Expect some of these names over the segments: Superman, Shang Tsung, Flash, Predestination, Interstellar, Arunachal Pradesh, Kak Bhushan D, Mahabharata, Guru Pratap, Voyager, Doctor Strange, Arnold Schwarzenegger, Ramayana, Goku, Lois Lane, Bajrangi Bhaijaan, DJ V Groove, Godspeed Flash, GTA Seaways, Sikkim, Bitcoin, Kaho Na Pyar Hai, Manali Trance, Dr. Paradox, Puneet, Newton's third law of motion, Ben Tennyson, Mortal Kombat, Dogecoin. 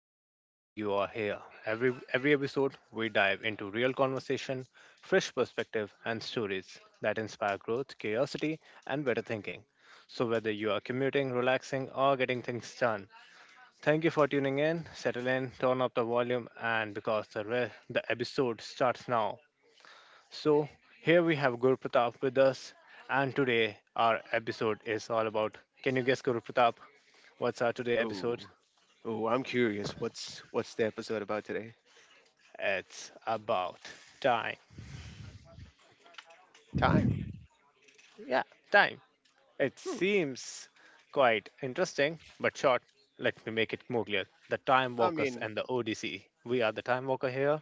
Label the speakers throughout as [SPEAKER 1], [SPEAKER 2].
[SPEAKER 1] and I'm glad you are here. Every episode we dive into real conversation, fresh perspective and stories that inspire growth, curiosity and better thinking. So whether you are commuting, relaxing or getting things done, thank you for tuning in. Settle in, turn up the volume and the episode starts now. So here we have Guru Pratap with us and today our episode is all about, can you guess Guru Pratap? What's our today
[SPEAKER 2] Oh,
[SPEAKER 1] episode?
[SPEAKER 2] oh, I'm curious. What's the episode about today?
[SPEAKER 1] It's about time.
[SPEAKER 2] Time.
[SPEAKER 1] Yeah, time. It
[SPEAKER 2] Hmm.
[SPEAKER 1] seems quite interesting, but short. Let me make it more clear. The Time
[SPEAKER 2] I
[SPEAKER 1] Walkers
[SPEAKER 2] mean,
[SPEAKER 1] and the ODC. We are the Time Walker here.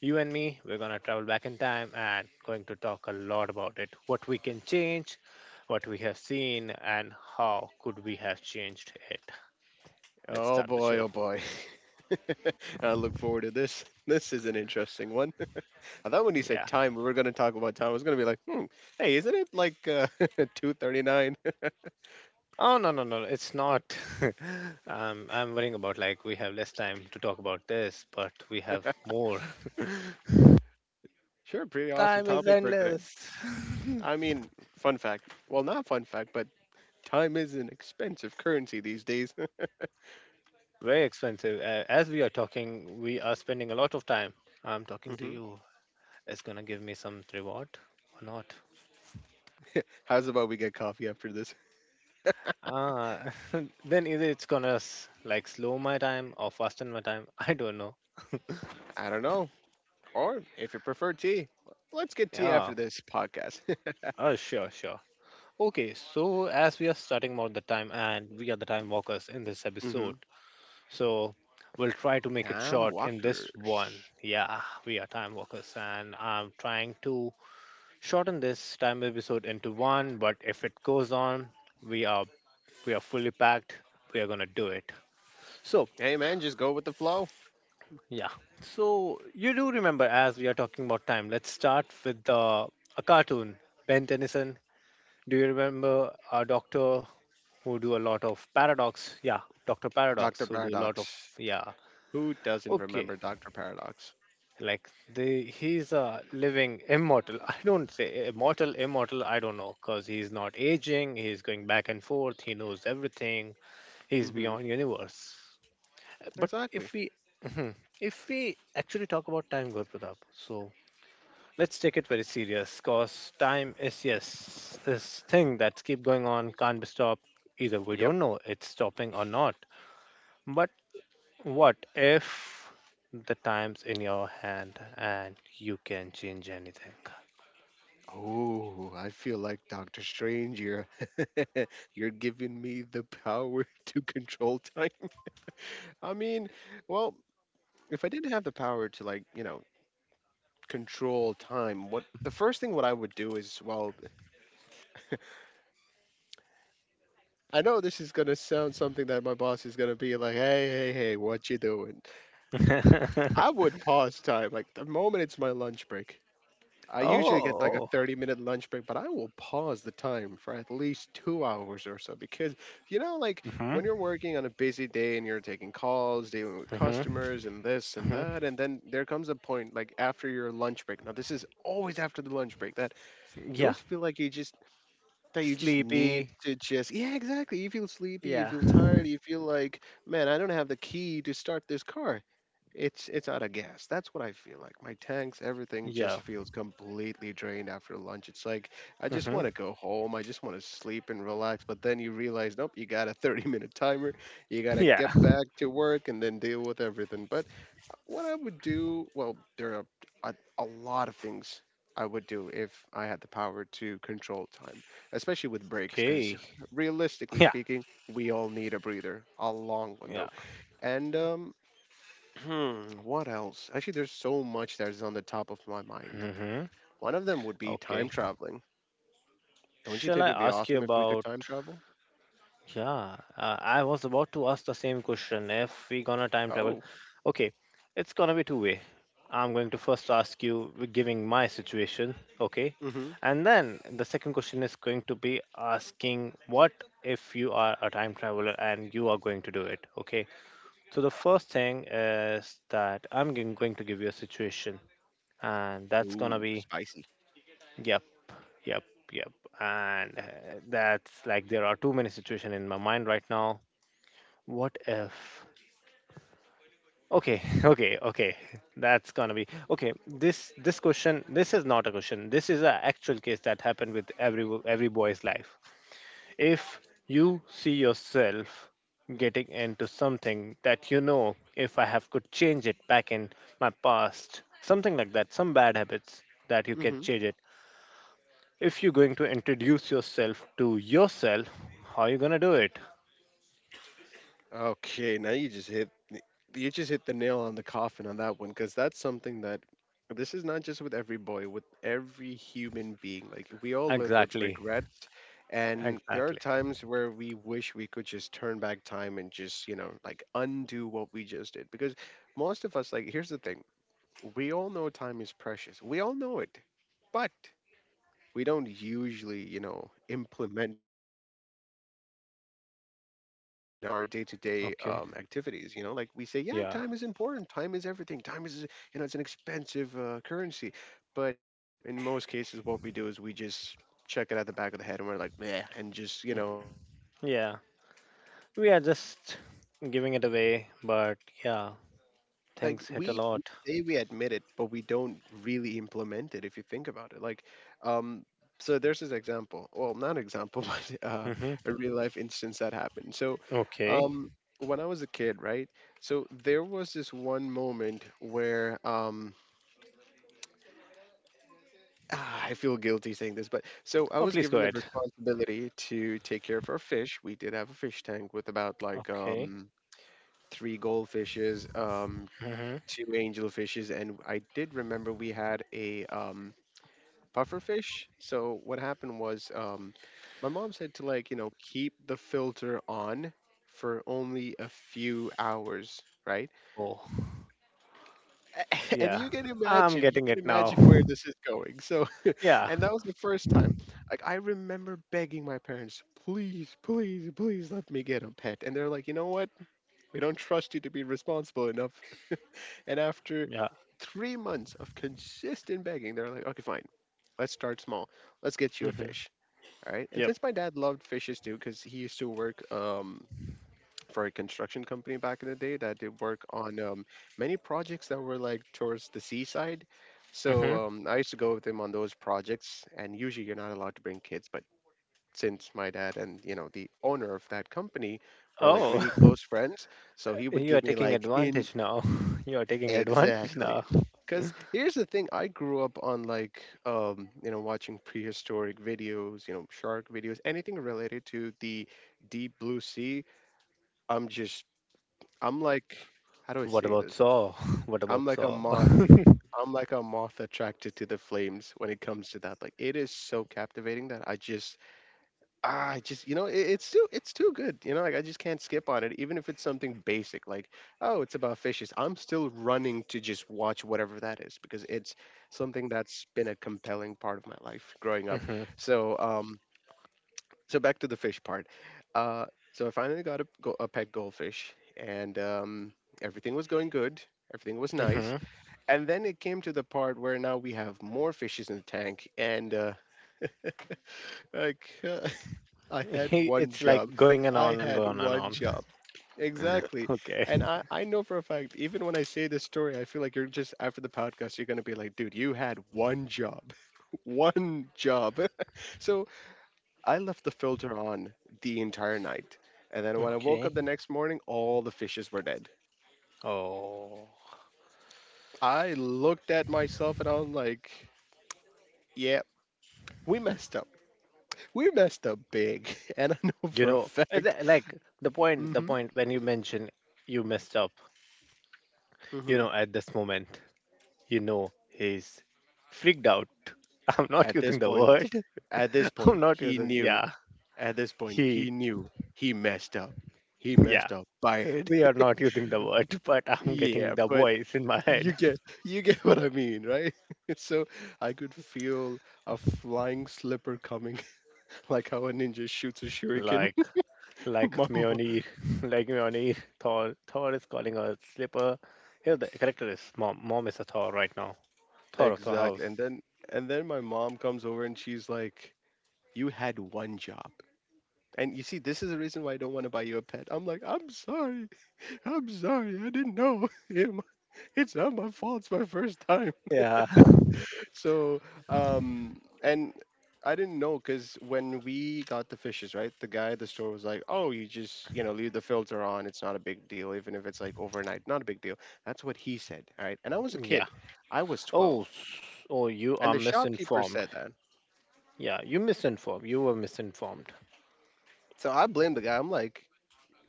[SPEAKER 1] You and me, we're gonna travel back in time and going to talk a lot about it. What we can change, what we have seen, and how could we have changed it. Let's
[SPEAKER 2] oh
[SPEAKER 1] start the
[SPEAKER 2] boy,
[SPEAKER 1] show.
[SPEAKER 2] oh boy. I look forward to this. This is an interesting one. I thought when you said
[SPEAKER 1] Yeah.
[SPEAKER 2] time, we were going to talk about time. I was going to be like, hmm, hey, isn't it like 2:39?
[SPEAKER 1] Oh no no no! It's not. I'm worrying about like we have less time to talk about this, but we have more.
[SPEAKER 2] Sure, pretty awesome
[SPEAKER 1] Time is
[SPEAKER 2] topic for today.
[SPEAKER 1] endless.
[SPEAKER 2] I mean, fun fact. Well, not fun fact, but time is an expensive currency these days.
[SPEAKER 1] Very expensive. As we are talking, we are spending a lot of time. I'm talking to
[SPEAKER 2] Hmm.
[SPEAKER 1] you. It's gonna give me some reward or not?
[SPEAKER 2] How's about we get coffee after this?
[SPEAKER 1] Ah, then either it's gonna like slow my time or fasten my time. I don't know.
[SPEAKER 2] I don't know. Or if you prefer tea, let's get tea
[SPEAKER 1] Yeah.
[SPEAKER 2] after this podcast.
[SPEAKER 1] Oh sure, sure. Okay, so as we are starting about the time and we are the time walkers in this
[SPEAKER 2] Hmm.
[SPEAKER 1] episode, so we'll try to make it
[SPEAKER 2] Time
[SPEAKER 1] short in this one.
[SPEAKER 2] walkers.
[SPEAKER 1] Yeah, we are time walkers and I'm trying to shorten this time episode into one, but if it goes on, we are we are fully packed. We are gonna do it. So
[SPEAKER 2] Hey man, just go with the flow.
[SPEAKER 1] yeah. So you do remember, as we are talking about time, let's start with a cartoon, Ben Tennyson. Do you remember our doctor who do a lot of paradox. Yeah, Dr.
[SPEAKER 2] Dr.
[SPEAKER 1] Paradox, who do a lot of,
[SPEAKER 2] Paradox.
[SPEAKER 1] yeah.
[SPEAKER 2] Who doesn't
[SPEAKER 1] Okay,
[SPEAKER 2] remember Dr. Paradox?
[SPEAKER 1] like they he's a living immortal. I don't say immortal, immortal. I don't know because he's not aging. He's going back and forth. He knows everything. He's
[SPEAKER 2] Hmm.
[SPEAKER 1] beyond universe. But
[SPEAKER 2] Exactly.
[SPEAKER 1] if we Mhm. If we actually talk about time, Gurpratap, so let's take it very serious because time is, yes, this thing that's keep going on can't be stopped. Either we
[SPEAKER 2] Yep.
[SPEAKER 1] don't know it's stopping or not, but what if the time's in your hand and you can change anything?
[SPEAKER 2] Oh, I feel like Doctor Strange here. You're giving me the power to control time. I mean, well, if I didn't have the power to like, you know, control time, what the first thing what I would do is well, I know this is gonna sound something that my boss is gonna be like, "Hey, hey, hey, what you doing?" I would pause time like the moment it's my lunch break. I usually
[SPEAKER 1] Oh,
[SPEAKER 2] get like a
[SPEAKER 1] oh.
[SPEAKER 2] 30-minute lunch break, but I will pause the time for at least 2 hours or so because, you know, like
[SPEAKER 1] hmm
[SPEAKER 2] when you're working on a busy day and you're taking calls, dealing with
[SPEAKER 1] hmm
[SPEAKER 2] customers and this and
[SPEAKER 1] hmm
[SPEAKER 2] that, and then there comes a point like after your lunch break. Now, this is always after the lunch break that you
[SPEAKER 1] yeah.
[SPEAKER 2] always feel like you just that you just need
[SPEAKER 1] Sleepy,
[SPEAKER 2] to just yeah exactly, you feel sleepy, you
[SPEAKER 1] yeah,
[SPEAKER 2] feel tired, you feel like, man, I don't have the key to start this car. It's out of gas. That's what I feel like. My tank's everything just
[SPEAKER 1] yeah,
[SPEAKER 2] feels completely drained after lunch. It's like I just want to
[SPEAKER 1] hmm
[SPEAKER 2] go home, I just want to sleep and relax, but then you realize, nope, you got a 30-minute timer, you got to
[SPEAKER 1] yeah.
[SPEAKER 2] get back to work and then deal with everything. But what I would do, well, there are a lot of things I would do if I had the power to control time, especially with breaks, because
[SPEAKER 1] Okay,
[SPEAKER 2] realistically
[SPEAKER 1] yeah,
[SPEAKER 2] speaking, we all need a breather, a long one though.
[SPEAKER 1] yeah.
[SPEAKER 2] And what else? Actually, there's so much that is on the top of my mind.
[SPEAKER 1] hmm
[SPEAKER 2] One of them would be time
[SPEAKER 1] Okay.
[SPEAKER 2] traveling. Don't you
[SPEAKER 1] Shall
[SPEAKER 2] think
[SPEAKER 1] I
[SPEAKER 2] it'd be
[SPEAKER 1] ask you
[SPEAKER 2] awesome if we could
[SPEAKER 1] about,
[SPEAKER 2] time travel?
[SPEAKER 1] yeah, I was about to ask the same question. If we gonna time travel,
[SPEAKER 2] Oh,
[SPEAKER 1] okay, it's gonna be two way. I'm going to first ask you, with giving my situation, okay,
[SPEAKER 2] mm-hmm.
[SPEAKER 1] and then the second question is going to be asking what if you are a time traveler and you are going to do it, okay. So the first thing is that I'm going to give you a situation, and that's gonna
[SPEAKER 2] Ooh,
[SPEAKER 1] be,
[SPEAKER 2] spicy.
[SPEAKER 1] yep, yep, yep, and that's like there are too many situations in my mind right now. What if? Okay, okay, okay. That's gonna be okay. This question, this is not a question. This is an actual case that happened with every every boy's life. If you see yourself getting into something that you know, if I have could change it back in my past, something like that, some bad habits that you can change it. If you're going to introduce yourself to yourself, how are you gonna do it?
[SPEAKER 2] Okay, now you just hit the nail on the coffin on that one, because that's something that this is not just with every boy, with every human being. Like, we all live with
[SPEAKER 1] Exactly,
[SPEAKER 2] regrets, and there are
[SPEAKER 1] exactly.
[SPEAKER 2] times where we wish we could just turn back time and just, you know, like undo what we just did. Because most of us, like, here's the thing: we all know time is precious. We all know it, but we don't usually, you know, implement that, you know, importance in our day-to-day
[SPEAKER 1] Okay,
[SPEAKER 2] activities. You know, like we say, yeah,
[SPEAKER 1] yeah,
[SPEAKER 2] time is important. Time is everything. Time is, you know, it's an expensive currency. But you know, in most cases, what we do is we just check it at the back of the head, and we're like, meh, and just, you know, do the
[SPEAKER 1] yeah.
[SPEAKER 2] most bizarre
[SPEAKER 1] We are
[SPEAKER 2] things, right?
[SPEAKER 1] just giving it away, but yeah,
[SPEAKER 2] Like,
[SPEAKER 1] things hit a
[SPEAKER 2] we
[SPEAKER 1] lot.
[SPEAKER 2] say we admit it, but we don't really implement it. If you think about it, like, um so there's this example, well, not example, but
[SPEAKER 1] Mm-hmm.
[SPEAKER 2] a real life instance that happened. So
[SPEAKER 1] Okay.
[SPEAKER 2] um when I was a kid, right, so there was this one moment where ah, I feel guilty saying this, but so I
[SPEAKER 1] Oh,
[SPEAKER 2] was
[SPEAKER 1] please go
[SPEAKER 2] given the
[SPEAKER 1] ahead.
[SPEAKER 2] responsibility to take care of our fish. We did have a fish tank with about like
[SPEAKER 1] Okay.
[SPEAKER 2] three goldfishes,
[SPEAKER 1] Mm-hmm.
[SPEAKER 2] two angelfishes, and I did remember we had a puffer fish. So what happened was, my mom said to, like, you know, keep the filter on for only a few hours, right?
[SPEAKER 1] Oh,
[SPEAKER 2] And
[SPEAKER 1] yeah. I'm
[SPEAKER 2] you
[SPEAKER 1] getting
[SPEAKER 2] can
[SPEAKER 1] it now.
[SPEAKER 2] imagine where this is going. So,
[SPEAKER 1] Yeah.
[SPEAKER 2] and that was the first time. Like, I remember begging my parents, please, please, please let me get a pet, and they're like, you know what? We don't trust you to be responsible enough. And after
[SPEAKER 1] Yeah.
[SPEAKER 2] 3 months of consistent begging, they're like, okay, fine. Let's start small. Let's get you a
[SPEAKER 1] Mm-hmm.
[SPEAKER 2] fish. All right. And
[SPEAKER 1] Yep.
[SPEAKER 2] since my dad loved fishes too, because he used to work for a construction company back in the day that did work on many projects that were like towards the seaside. So
[SPEAKER 1] Mm-hmm.
[SPEAKER 2] I used to go with him on those projects. And usually you're not allowed to bring kids, but since my dad and, you know, the owner of that company were like
[SPEAKER 1] Oh,
[SPEAKER 2] really close friends, so he would
[SPEAKER 1] you are
[SPEAKER 2] give me
[SPEAKER 1] taking
[SPEAKER 2] like in
[SPEAKER 1] advantage now. You are taking advantage
[SPEAKER 2] exactly,
[SPEAKER 1] now.
[SPEAKER 2] because here's the thing, I grew up on like you know, watching prehistoric videos, you know, shark videos, anything related to the deep blue sea. I'm just, I'm like how do I
[SPEAKER 1] What
[SPEAKER 2] say
[SPEAKER 1] about
[SPEAKER 2] this?
[SPEAKER 1] Saw? What
[SPEAKER 2] i'm
[SPEAKER 1] about
[SPEAKER 2] like a
[SPEAKER 1] Saw?
[SPEAKER 2] moth I'm like a moth attracted to the flames when it comes to that. Like, it is so captivating that I just, ah, I just, you know, it's too good. You know, like, I just can't skip on it, even if it's something basic like, oh, it's about fishes. I'm still running to just watch whatever that is, because it's something that's been a compelling part of my life growing up.
[SPEAKER 1] hmm
[SPEAKER 2] So, so back to the fish part. Uh, so I finally got a, a pet goldfish, and everything was going good. Everything was nice,
[SPEAKER 1] hmm
[SPEAKER 2] and then it came to the part where now we have more fishes in the tank, and like uh, I had one
[SPEAKER 1] It's
[SPEAKER 2] job.
[SPEAKER 1] like going and
[SPEAKER 2] I
[SPEAKER 1] on and
[SPEAKER 2] had
[SPEAKER 1] going and
[SPEAKER 2] one
[SPEAKER 1] on.
[SPEAKER 2] job. Exactly.
[SPEAKER 1] Okay.
[SPEAKER 2] And I know for a fact, even when I say this story, I feel like you're just, after the podcast, you're going to be like, dude, you had one job. One job. So I left the filter on the entire night. And then when I woke
[SPEAKER 1] Okay.
[SPEAKER 2] up the next morning, all the fishes were dead.
[SPEAKER 1] Oh.
[SPEAKER 2] I looked at myself and I'm like, yeah, we messed up. We messed up big. And I know
[SPEAKER 1] You
[SPEAKER 2] for a
[SPEAKER 1] know
[SPEAKER 2] fact.
[SPEAKER 1] like the point the
[SPEAKER 2] Hmm.
[SPEAKER 1] point when you mention, you messed up, you
[SPEAKER 2] Hmm.
[SPEAKER 1] know, at this moment, you know he's freaked out. I'm not
[SPEAKER 2] At this
[SPEAKER 1] using the
[SPEAKER 2] point,
[SPEAKER 1] word.
[SPEAKER 2] at this
[SPEAKER 1] I'm
[SPEAKER 2] point,
[SPEAKER 1] not
[SPEAKER 2] he
[SPEAKER 1] using,
[SPEAKER 2] knew.
[SPEAKER 1] yeah,
[SPEAKER 2] At this point, he
[SPEAKER 1] he,
[SPEAKER 2] knew he messed up. He
[SPEAKER 1] yeah,
[SPEAKER 2] messed up bad.
[SPEAKER 1] we are not using the word, but I'm getting
[SPEAKER 2] Yeah,
[SPEAKER 1] the
[SPEAKER 2] but
[SPEAKER 1] voice in my
[SPEAKER 2] you
[SPEAKER 1] head.
[SPEAKER 2] get you get what I mean, right? So I could feel a flying slipper coming, like how a ninja shoots a shuriken.
[SPEAKER 1] like like
[SPEAKER 2] Mama.
[SPEAKER 1] Mjolnir, like Mjolnir, Thor, Thor is calling a slipper. Here the character is mom. Mom is a Thor right now. Thor of the
[SPEAKER 2] Exactly.
[SPEAKER 1] house.
[SPEAKER 2] And then my mom comes over and she's like, "You had one job. And you see, this is the reason why I don't want to buy you a pet." I'm like, I'm sorry. I'm sorry. I didn't know. Yeah, it's not my fault. It's my first time.
[SPEAKER 1] Yeah.
[SPEAKER 2] So, and I didn't know, because when we got the fishes, right, the guy at the store was like, "Oh, you just, you know, leave the filter on. It's not a big deal, even if it's like overnight. Not a big deal." That's what he said, all right? And I was a
[SPEAKER 1] Yeah.
[SPEAKER 2] kid. I was 12,
[SPEAKER 1] Oh, oh, you
[SPEAKER 2] and
[SPEAKER 1] are
[SPEAKER 2] the shopkeeper
[SPEAKER 1] misinformed.
[SPEAKER 2] said that.
[SPEAKER 1] Yeah, you misinformed. You were misinformed.
[SPEAKER 2] So I blame the guy. I'm like,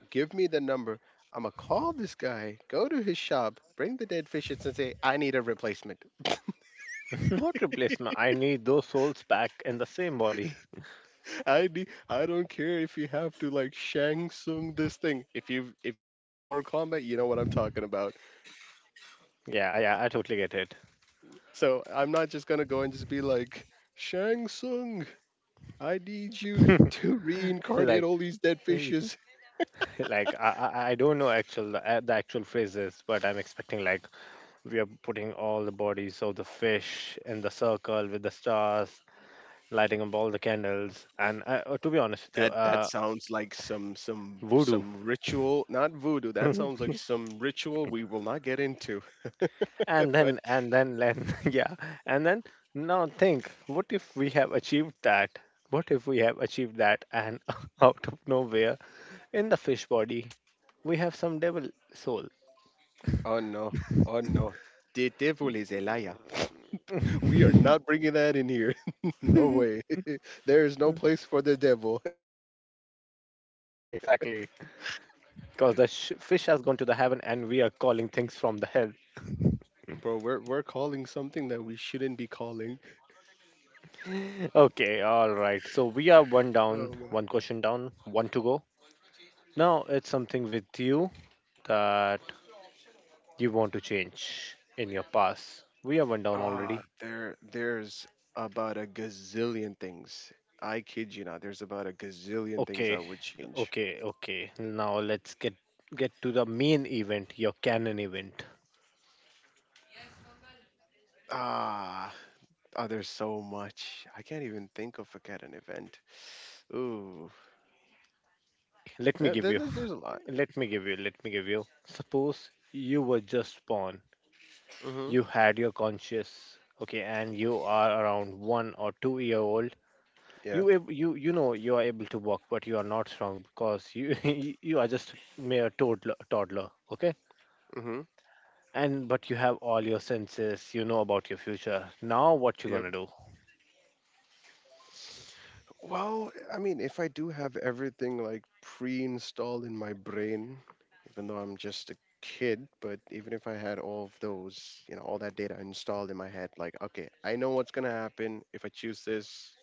[SPEAKER 2] "Give me the number." I'm gonna call this guy, go to his shop, bring the dead fishes, and say, I need a replacement.
[SPEAKER 1] Not replacement. I need those souls back in the same body.
[SPEAKER 2] I need, I don't care if you have to, like, Shang Tsung this thing. If you know Mortal Kombat, you know what I'm talking about.
[SPEAKER 1] Yeah, yeah, I totally get it.
[SPEAKER 2] So I'm not just gonna go and just be like Shang Tsung. I need you to reincarnate
[SPEAKER 1] Like,
[SPEAKER 2] all these dead
[SPEAKER 1] mm.
[SPEAKER 2] fishes.
[SPEAKER 1] Like, I don't know actual the actual phrases, but I'm expecting like we are putting all the bodies of the fish in the circle with the stars, lighting up all the candles, and to be honest with you,
[SPEAKER 2] That sounds like some
[SPEAKER 1] voodoo.
[SPEAKER 2] some ritual, not voodoo. That sounds like some ritual we will not get into. But
[SPEAKER 1] And then yeah. And then, now think, what if we have achieved that? What if we have achieved that, and out of nowhere, in the fish body, we have some devil soul.
[SPEAKER 2] oh no, oh no. Te te. We are not bringing that in here. No way. There is no
[SPEAKER 1] Mm.
[SPEAKER 2] place for the devil. Uh, not today.
[SPEAKER 1] Exactly. Because fish has gone to the heaven and we are calling things from the hell.
[SPEAKER 2] Bro, we're calling something that we shouldn't be calling.
[SPEAKER 1] Okay, all right, so we are one down,
[SPEAKER 2] Oh man.
[SPEAKER 1] one question down, one to go. Now it's something with you that you want to change in your past. We are one down
[SPEAKER 2] Ah,
[SPEAKER 1] already.
[SPEAKER 2] there there's about a gazillion things. I kid you not. There's about a gazillion things I
[SPEAKER 1] Okay,
[SPEAKER 2] would change.
[SPEAKER 1] okay, okay. Now let's get to the main event, your canon event.
[SPEAKER 2] Ah, oh, there's so much. I can't even think of like, at an event. Ooh,
[SPEAKER 1] Let me
[SPEAKER 2] there,
[SPEAKER 1] give
[SPEAKER 2] there-
[SPEAKER 1] you.
[SPEAKER 2] there- there's a lot.
[SPEAKER 1] Let me give you. Suppose you were just born.
[SPEAKER 2] Mhm.
[SPEAKER 1] You had your conscious. Okay, and you are around 1 or 2 year old.
[SPEAKER 2] Yeah.
[SPEAKER 1] You, you know, you are able to walk, but you are not strong because you you are just mere toddler. Okay,
[SPEAKER 2] Mhm.
[SPEAKER 1] and but you have all your senses. You know about your future. Now what you
[SPEAKER 2] Yep.
[SPEAKER 1] gonna do?
[SPEAKER 2] Well, I mean, if I do have everything like pre-installed in my brain, even though I'm just a kid, but even if I had all of those, you know, all that data installed in my head, like, okay, I know what's gonna happen if I choose this.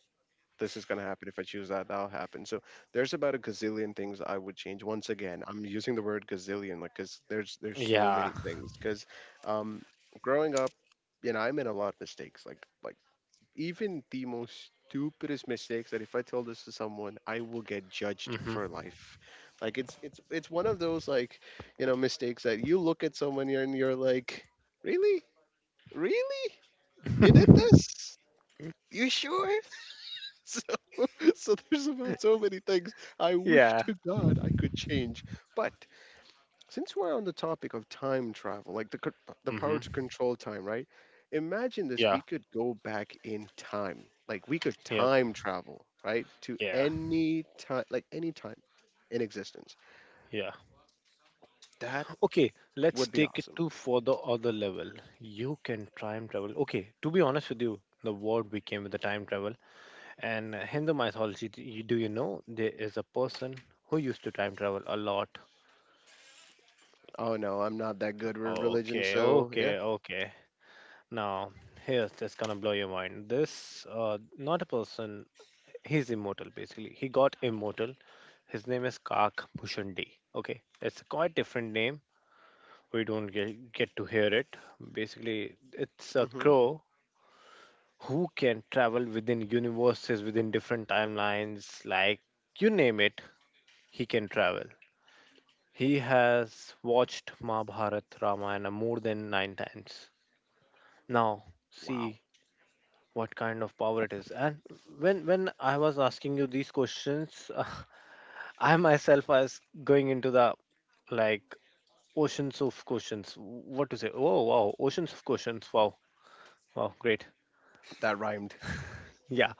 [SPEAKER 2] This is gonna happen if I choose that. That'll happen. So there's about a gazillion things I would change. Once again, I'm using the word gazillion, like, cause there's so
[SPEAKER 1] Yeah.
[SPEAKER 2] many things. Cause um, growing up, you know, I made a lot of mistakes. Like even the most stupidest mistakes that if I tell this to someone, I will get judged
[SPEAKER 1] Mm-hmm.
[SPEAKER 2] for life. Like it's one of those, like, you know, mistakes that you look at someone here and you're like, "Really? Really? You did this? You sure?" So, so there's about so many things I wish
[SPEAKER 1] Yeah.
[SPEAKER 2] to God I could change, but since we're on the topic of time travel, like the the power
[SPEAKER 1] Mm-hmm.
[SPEAKER 2] to control time, right? Imagine this:
[SPEAKER 1] Yeah.
[SPEAKER 2] we could go back in time, like we could
[SPEAKER 1] Yep.
[SPEAKER 2] time travel, right, to
[SPEAKER 1] Yeah.
[SPEAKER 2] any time, like any time in existence.
[SPEAKER 1] Yeah.
[SPEAKER 2] That
[SPEAKER 1] Okay. Let's
[SPEAKER 2] would be
[SPEAKER 1] take it
[SPEAKER 2] awesome.
[SPEAKER 1] to for the other level. You can time travel. Okay. To be honest with you, the word became with the time travel. And Hindu mythology. Do you know there is a person who used to time travel a lot?
[SPEAKER 2] Oh no, I'm not that good with religion,
[SPEAKER 1] Okay.
[SPEAKER 2] so
[SPEAKER 1] Okay.
[SPEAKER 2] yeah.
[SPEAKER 1] Okay. Now here's that's gonna blow your mind. This not a person. He's immortal basically. He got immortal. His name is Kak Bhushan D. Okay. It's a quite different name we don't get to hear it. Basically, it's a
[SPEAKER 2] Hmm.
[SPEAKER 1] crow who can travel within universes, within different timelines, like, you name it, he can travel. He has watched Mahabharata, Ramayana more than nine times. Now,
[SPEAKER 2] Wow,
[SPEAKER 1] see what kind of power it is. And when I was asking you these questions, I myself was going into the, like, oceans of questions. What to say? Oh wow, oceans of questions. Wow, wow, great.
[SPEAKER 2] that rhymed.
[SPEAKER 1] Yeah.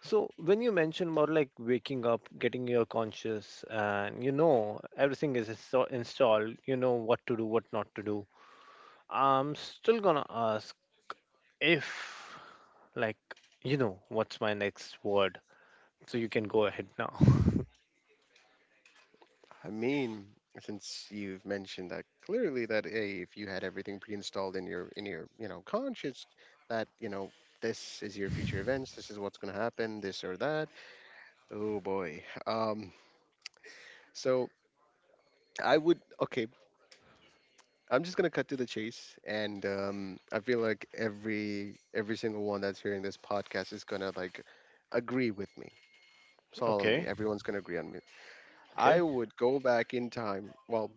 [SPEAKER 1] So when you mention about like waking up, getting your conscious, and you know everything is installed, you know what to do, what not to do. I'm still gonna ask, if, like, you know, what's my next word? So you can go ahead now.
[SPEAKER 2] I mean, since you've mentioned that clearly that hey, if you had everything pre-installed in your you know conscience, that you know this is your future events, this is what's going to happen, this or that. Oh boy. So I would, okay. I'm just gonna cut to the chase, and I feel like every single one that's hearing this podcast is gonna like agree with me solemnly.
[SPEAKER 1] Okay.
[SPEAKER 2] Everyone's gonna agree on me. I
[SPEAKER 1] Okay.
[SPEAKER 2] would go back in time. Well,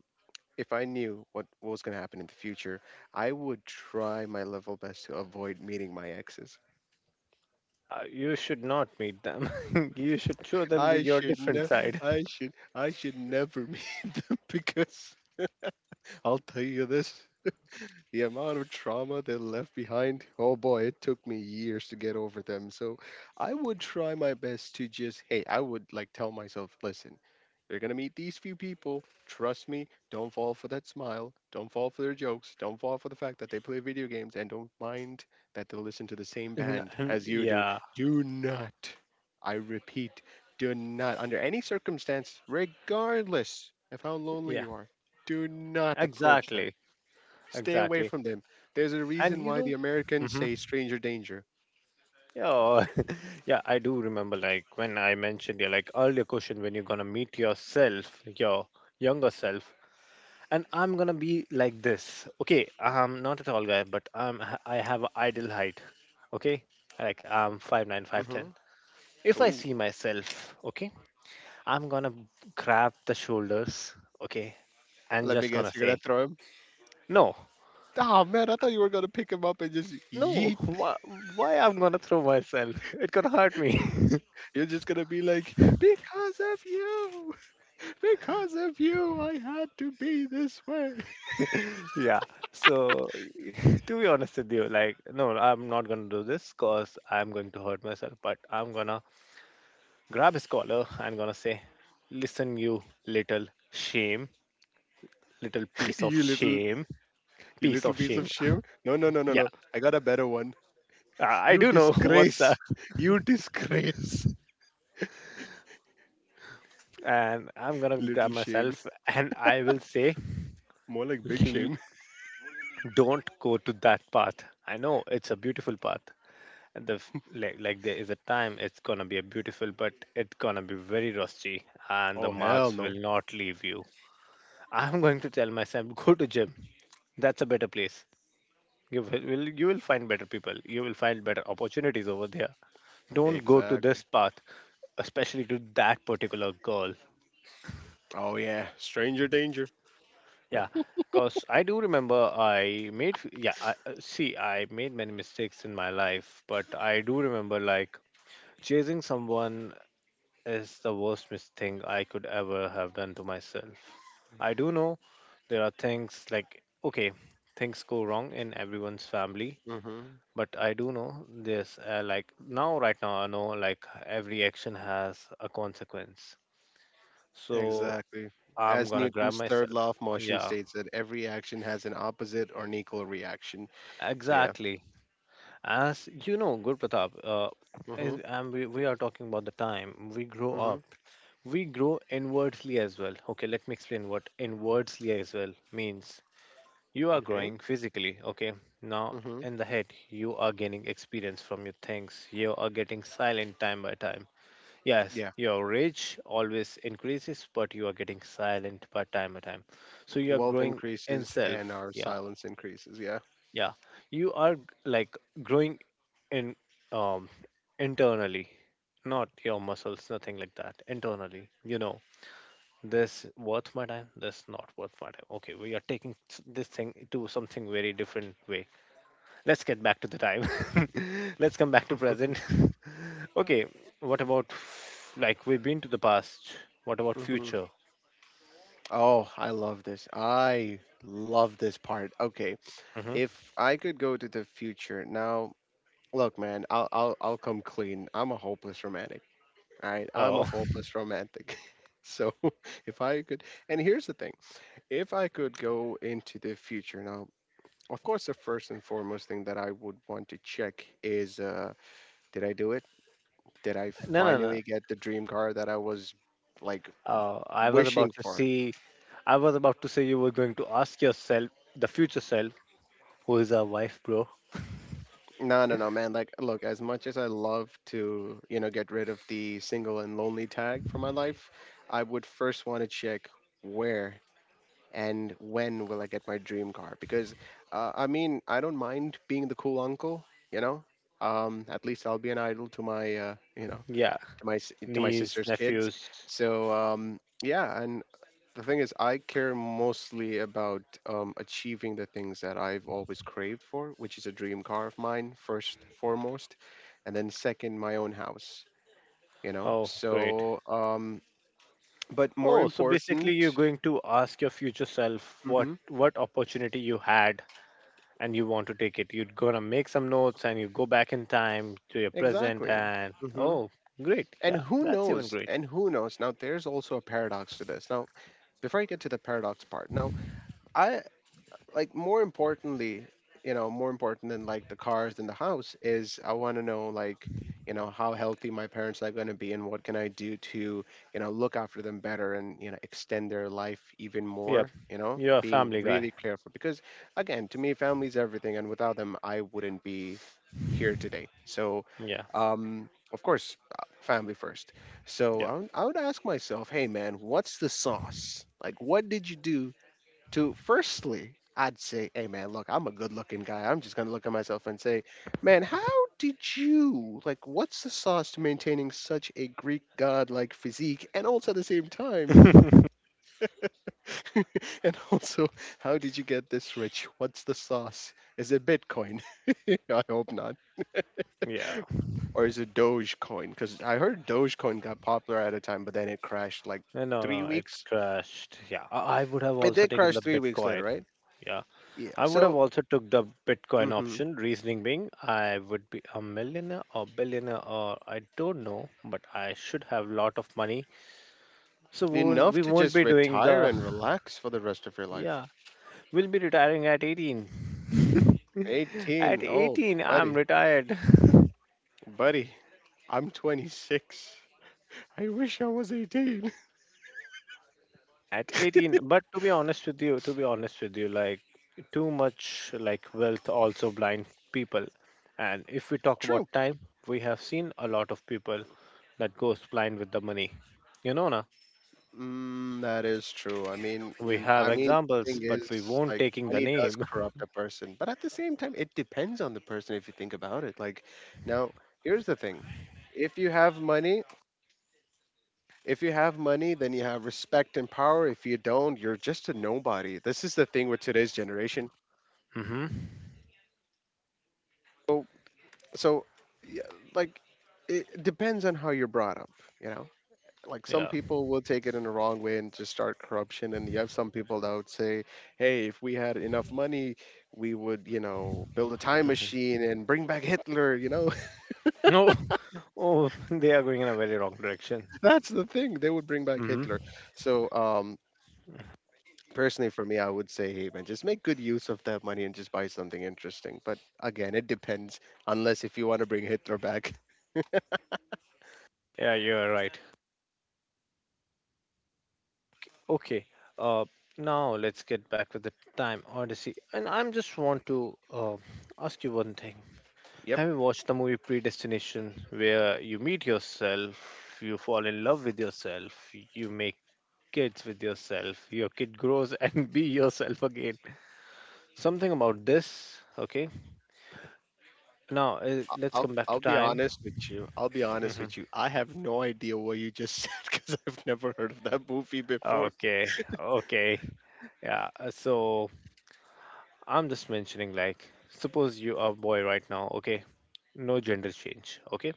[SPEAKER 2] if I knew what was going to happen in the future, I would try my level best to avoid meeting my exes.
[SPEAKER 1] You should not meet them. You should show them the,
[SPEAKER 2] I
[SPEAKER 1] your
[SPEAKER 2] should
[SPEAKER 1] different
[SPEAKER 2] ne-
[SPEAKER 1] side.
[SPEAKER 2] I should never meet them because I'll tell you this. The amount of trauma they left behind, oh boy, it took me years to get over them. So I would try my best to just, hey, I would like tell myself, listen, you're going to meet these few people. Trust me, don't fall for that smile. Don't fall for their jokes. Don't fall for the fact that they play video games and don't mind that they listen to the same band as you do.
[SPEAKER 1] Yeah.
[SPEAKER 2] Do not, I repeat, do not, under any circumstance, regardless of how lonely
[SPEAKER 1] Yeah.
[SPEAKER 2] you are, do not approach them.
[SPEAKER 1] Exactly.
[SPEAKER 2] Stay away
[SPEAKER 1] Exactly.
[SPEAKER 2] from them. There's a
[SPEAKER 1] And
[SPEAKER 2] reason
[SPEAKER 1] you
[SPEAKER 2] why
[SPEAKER 1] know.
[SPEAKER 2] the Americans say stranger danger.
[SPEAKER 1] Yeah, yeah, I do remember like when I mentioned, yeah, like earlier question when you're gonna meet yourself, your younger self, and I'm gonna be like this. Okay, I'm not a tall guy, but I'm h- I am I have an ideal height. Okay, like I'm 5'9", 5'10".
[SPEAKER 2] Hmm.
[SPEAKER 1] If I
[SPEAKER 2] Ooh,
[SPEAKER 1] see myself, okay, I'm gonna grab the shoulders, okay, and
[SPEAKER 2] let me
[SPEAKER 1] just gonna
[SPEAKER 2] guess, you're gonna
[SPEAKER 1] say
[SPEAKER 2] throw him.
[SPEAKER 1] no,
[SPEAKER 2] Oh man, I thought you were gonna pick him up and just
[SPEAKER 1] no.
[SPEAKER 2] yeet.
[SPEAKER 1] Why I'm gonna throw myself? It gonna hurt me.
[SPEAKER 2] You're just gonna be like, because of you, because of you, I had to be this way.
[SPEAKER 1] Yeah. So, to be honest with you, like, no, I'm not gonna do this because I'm going to hurt myself. But I'm gonna grab his collar and gonna say, "Listen, you little shame, little piece of
[SPEAKER 2] You little,
[SPEAKER 1] shame,
[SPEAKER 2] you
[SPEAKER 1] piece
[SPEAKER 2] little
[SPEAKER 1] of
[SPEAKER 2] piece
[SPEAKER 1] shame."
[SPEAKER 2] of shit. No, no, no, no,
[SPEAKER 1] Yeah,
[SPEAKER 2] no. I got a better one.
[SPEAKER 1] I
[SPEAKER 2] You
[SPEAKER 1] do know what's
[SPEAKER 2] disgrace.
[SPEAKER 1] that.
[SPEAKER 2] You disgrace.
[SPEAKER 1] And I'm gonna grab
[SPEAKER 2] Little shame.
[SPEAKER 1] myself and I will say,
[SPEAKER 2] More like big shame.
[SPEAKER 1] "Don't go to that path. I know it's a beautiful path, like there is a time it's gonna be a beautiful but it's gonna be very rusty, and the
[SPEAKER 2] Oh hell
[SPEAKER 1] marks will
[SPEAKER 2] no.
[SPEAKER 1] not leave you. I'm going to tell myself, go to gym, that's a better place. You will find better people, you will find better opportunities over there. Don't go to
[SPEAKER 2] Exactly.
[SPEAKER 1] this path, especially to that particular girl.
[SPEAKER 2] Oh yeah, stranger danger.
[SPEAKER 1] Yeah. Because I do remember, yeah, see, I made many mistakes in my life, but I do remember, like, chasing someone is the worst thing I could ever have done to myself. I do know there are things, like, okay, things go wrong in everyone's family,
[SPEAKER 2] Mm-hmm.
[SPEAKER 1] but I do know this, like now, right now, I know, like, every action has a consequence. So
[SPEAKER 2] Exactly.
[SPEAKER 1] I'm
[SPEAKER 2] As
[SPEAKER 1] gonna grab
[SPEAKER 2] Newton's third
[SPEAKER 1] myself.
[SPEAKER 2] law of motion
[SPEAKER 1] Yeah,
[SPEAKER 2] states that every action has an opposite or an equal reaction. So yeah.
[SPEAKER 1] exactly. As you know, Guru Pratap,
[SPEAKER 2] Mm-hmm.
[SPEAKER 1] and we are talking about the time we grow
[SPEAKER 2] Mm-hmm.
[SPEAKER 1] up. We grow inwardly as well. Okay, let me explain what inwardly as well means. You are
[SPEAKER 2] Okay.
[SPEAKER 1] growing physically, okay? Now,
[SPEAKER 2] Mm-hmm.
[SPEAKER 1] in the head, you are gaining experience from your things. You are getting silent time by time. Yes,
[SPEAKER 2] Yeah.
[SPEAKER 1] your rage always increases, but you are getting silent by time by time. So you are
[SPEAKER 2] Wealth
[SPEAKER 1] growing in
[SPEAKER 2] increases and
[SPEAKER 1] self.
[SPEAKER 2] our
[SPEAKER 1] Yeah,
[SPEAKER 2] silence increases. Yeah.
[SPEAKER 1] yeah, like growing in, um internally, not your muscles, nothing like that. Internally, this worth my time, this not worth my time. Okay, we are taking this thing to something very different way. Let's get back to the time. Let's come back to present. Okay, like we've been to the past? What about
[SPEAKER 2] Mm-hmm.
[SPEAKER 1] future?
[SPEAKER 2] Oh, I love this. I love this part. Okay.
[SPEAKER 1] Hmm.
[SPEAKER 2] If I could go to the future now, look, man, I'll come clean. I'm a hopeless romantic. All right. I'm a
[SPEAKER 1] Oh,
[SPEAKER 2] hopeless romantic. So if I could, and here's the thing. If I could go into the future now, of course, the first and foremost thing that I would want to check is did I do it? Did I
[SPEAKER 1] no, no, no.
[SPEAKER 2] finally get the dream car that I was like
[SPEAKER 1] Uh, I was
[SPEAKER 2] wishing
[SPEAKER 1] about to
[SPEAKER 2] for?
[SPEAKER 1] see I was about to say, you were going to ask yourself, the future self, who is our wife, bro?
[SPEAKER 2] No, no, no, man. Like, look, as much as I love to, you know, get rid of the single and lonely tag from my life, I would first want to check where and when will I get my dream car? Because I mean, I don't mind being the cool uncle, you know. At least I'll be an idol to my, you know,
[SPEAKER 1] Yeah,
[SPEAKER 2] to my to my
[SPEAKER 1] niece,
[SPEAKER 2] sister's kids.
[SPEAKER 1] nephews.
[SPEAKER 2] So yeah, and the thing is, I care mostly about achieving the things that I've always craved for, which is a dream car of mine first, foremost, and then second, my own house. You know,
[SPEAKER 1] Oh, great.
[SPEAKER 2] so but more
[SPEAKER 1] Oh, so basically
[SPEAKER 2] important,
[SPEAKER 1] you're going to ask your future self what
[SPEAKER 2] hmm,
[SPEAKER 1] what opportunity you had, and you want to take it. You're gonna make some notes and you go back in time to your present,
[SPEAKER 2] exactly.
[SPEAKER 1] and
[SPEAKER 2] Mm-hmm.
[SPEAKER 1] oh, great.
[SPEAKER 2] And
[SPEAKER 1] Yeah,
[SPEAKER 2] who
[SPEAKER 1] that's even
[SPEAKER 2] knows?
[SPEAKER 1] great.
[SPEAKER 2] And who knows? Now, there's also a paradox to this. Now, before I get to the paradox part, now, I like more importantly, you know, more important than like the cars than the house is I want to know like, you know, how healthy my parents are going to be and what can I do to, you know, look after them better and, you know, extend their life even
[SPEAKER 1] Yep,
[SPEAKER 2] more, you know,
[SPEAKER 1] you're a
[SPEAKER 2] being
[SPEAKER 1] family guy.
[SPEAKER 2] really careful because again, to me family's everything and without them I wouldn't be here today. So,
[SPEAKER 1] Yeah,
[SPEAKER 2] of course, family first. So
[SPEAKER 1] yep.
[SPEAKER 2] I would ask myself, hey man, what's the sauce? Like, what did you do to firstly, I'd say, hey man, look, I'm a good looking guy. I'm just gonna look at myself and say, man, how did you like what's the sauce to maintaining such a Greek god like physique and also at the same time and also how did you get this rich? What's the sauce? Is it Bitcoin? I hope not.
[SPEAKER 1] Yeah.
[SPEAKER 2] Or is it Dogecoin? Because I heard Dogecoin got popular at a time, but then it crashed like
[SPEAKER 1] No,
[SPEAKER 2] three
[SPEAKER 1] no, it
[SPEAKER 2] weeks.
[SPEAKER 1] crashed. Yeah, I would have
[SPEAKER 2] It
[SPEAKER 1] also
[SPEAKER 2] did
[SPEAKER 1] taken
[SPEAKER 2] crash
[SPEAKER 1] the
[SPEAKER 2] 3 weeks
[SPEAKER 1] Bitcoin.
[SPEAKER 2] later, right?
[SPEAKER 1] Yeah.
[SPEAKER 2] Yeah.
[SPEAKER 1] I would have
[SPEAKER 2] So
[SPEAKER 1] also took the Bitcoin
[SPEAKER 2] mhm.
[SPEAKER 1] option, reasoning being I would be a millionaire or billionaire or I don't know, but I should have lot of money. So won't,
[SPEAKER 2] Enough
[SPEAKER 1] we
[SPEAKER 2] to
[SPEAKER 1] won't
[SPEAKER 2] just
[SPEAKER 1] be doing
[SPEAKER 2] retire
[SPEAKER 1] the,
[SPEAKER 2] and relax for the rest of your life.
[SPEAKER 1] yeah. We'll be retiring at 18. At
[SPEAKER 2] 18. Oh,
[SPEAKER 1] 18, I'm
[SPEAKER 2] buddy.
[SPEAKER 1] retired.
[SPEAKER 2] Buddy, I'm 26. I wish I was 18.
[SPEAKER 1] At 18, but to be honest with you, to be honest with you, like too much like wealth also blind people. And if we talk about
[SPEAKER 2] True.
[SPEAKER 1] time, we have seen a lot of people that goes blind with the money. You know, na?
[SPEAKER 2] Mm, that is true. I mean,
[SPEAKER 1] We
[SPEAKER 2] mm,
[SPEAKER 1] have
[SPEAKER 2] I mean, thing
[SPEAKER 1] examples, but
[SPEAKER 2] is,
[SPEAKER 1] we won't
[SPEAKER 2] like,
[SPEAKER 1] taking the
[SPEAKER 2] money does
[SPEAKER 1] name.
[SPEAKER 2] corrupt a person, but at the same time, it depends on the person if you think about it. Like, now, here's the thing. If you have money, if you have money, then you have respect and power. If you don't, you're just a nobody. This is the thing with today's generation.
[SPEAKER 1] Hmm.
[SPEAKER 2] So, so yeah, like it depends on how you're brought up, you know, like some
[SPEAKER 1] Yeah.
[SPEAKER 2] people will take it in the wrong way and just start corruption, and you have some people that would say, hey, if we had enough money, we would, you know, build a time
[SPEAKER 1] Hmm.
[SPEAKER 2] machine and bring back Hitler, you know.
[SPEAKER 1] No. Oh, they are going in a very wrong direction.
[SPEAKER 2] That's the thing, they would bring back Hitler.
[SPEAKER 1] Hmm.
[SPEAKER 2] So um, personally for me, I would say, hey man, just make good use of that money and just buy something interesting, but again it depends, unless if you want to bring Hitler back.
[SPEAKER 1] Yeah, you are right. Okay. Uh, Now let's get back with the time odyssey, and I'm just want to ask you one thing.
[SPEAKER 2] Yep.
[SPEAKER 1] Have you watched the movie Predestination, where you meet yourself, you fall in love with yourself, you make kids with yourself, your kid grows and be yourself again? Something about this, okay? Now, let's come back
[SPEAKER 2] I'll
[SPEAKER 1] to
[SPEAKER 2] be
[SPEAKER 1] time.
[SPEAKER 2] honest with you. I'll be honest
[SPEAKER 1] Hmm.
[SPEAKER 2] with you. I have no idea what you just said because I've never heard of that movie before.
[SPEAKER 1] Okay, okay. Yeah, so I'm just mentioning, like, suppose you are a boy right now, okay? No gender change, okay?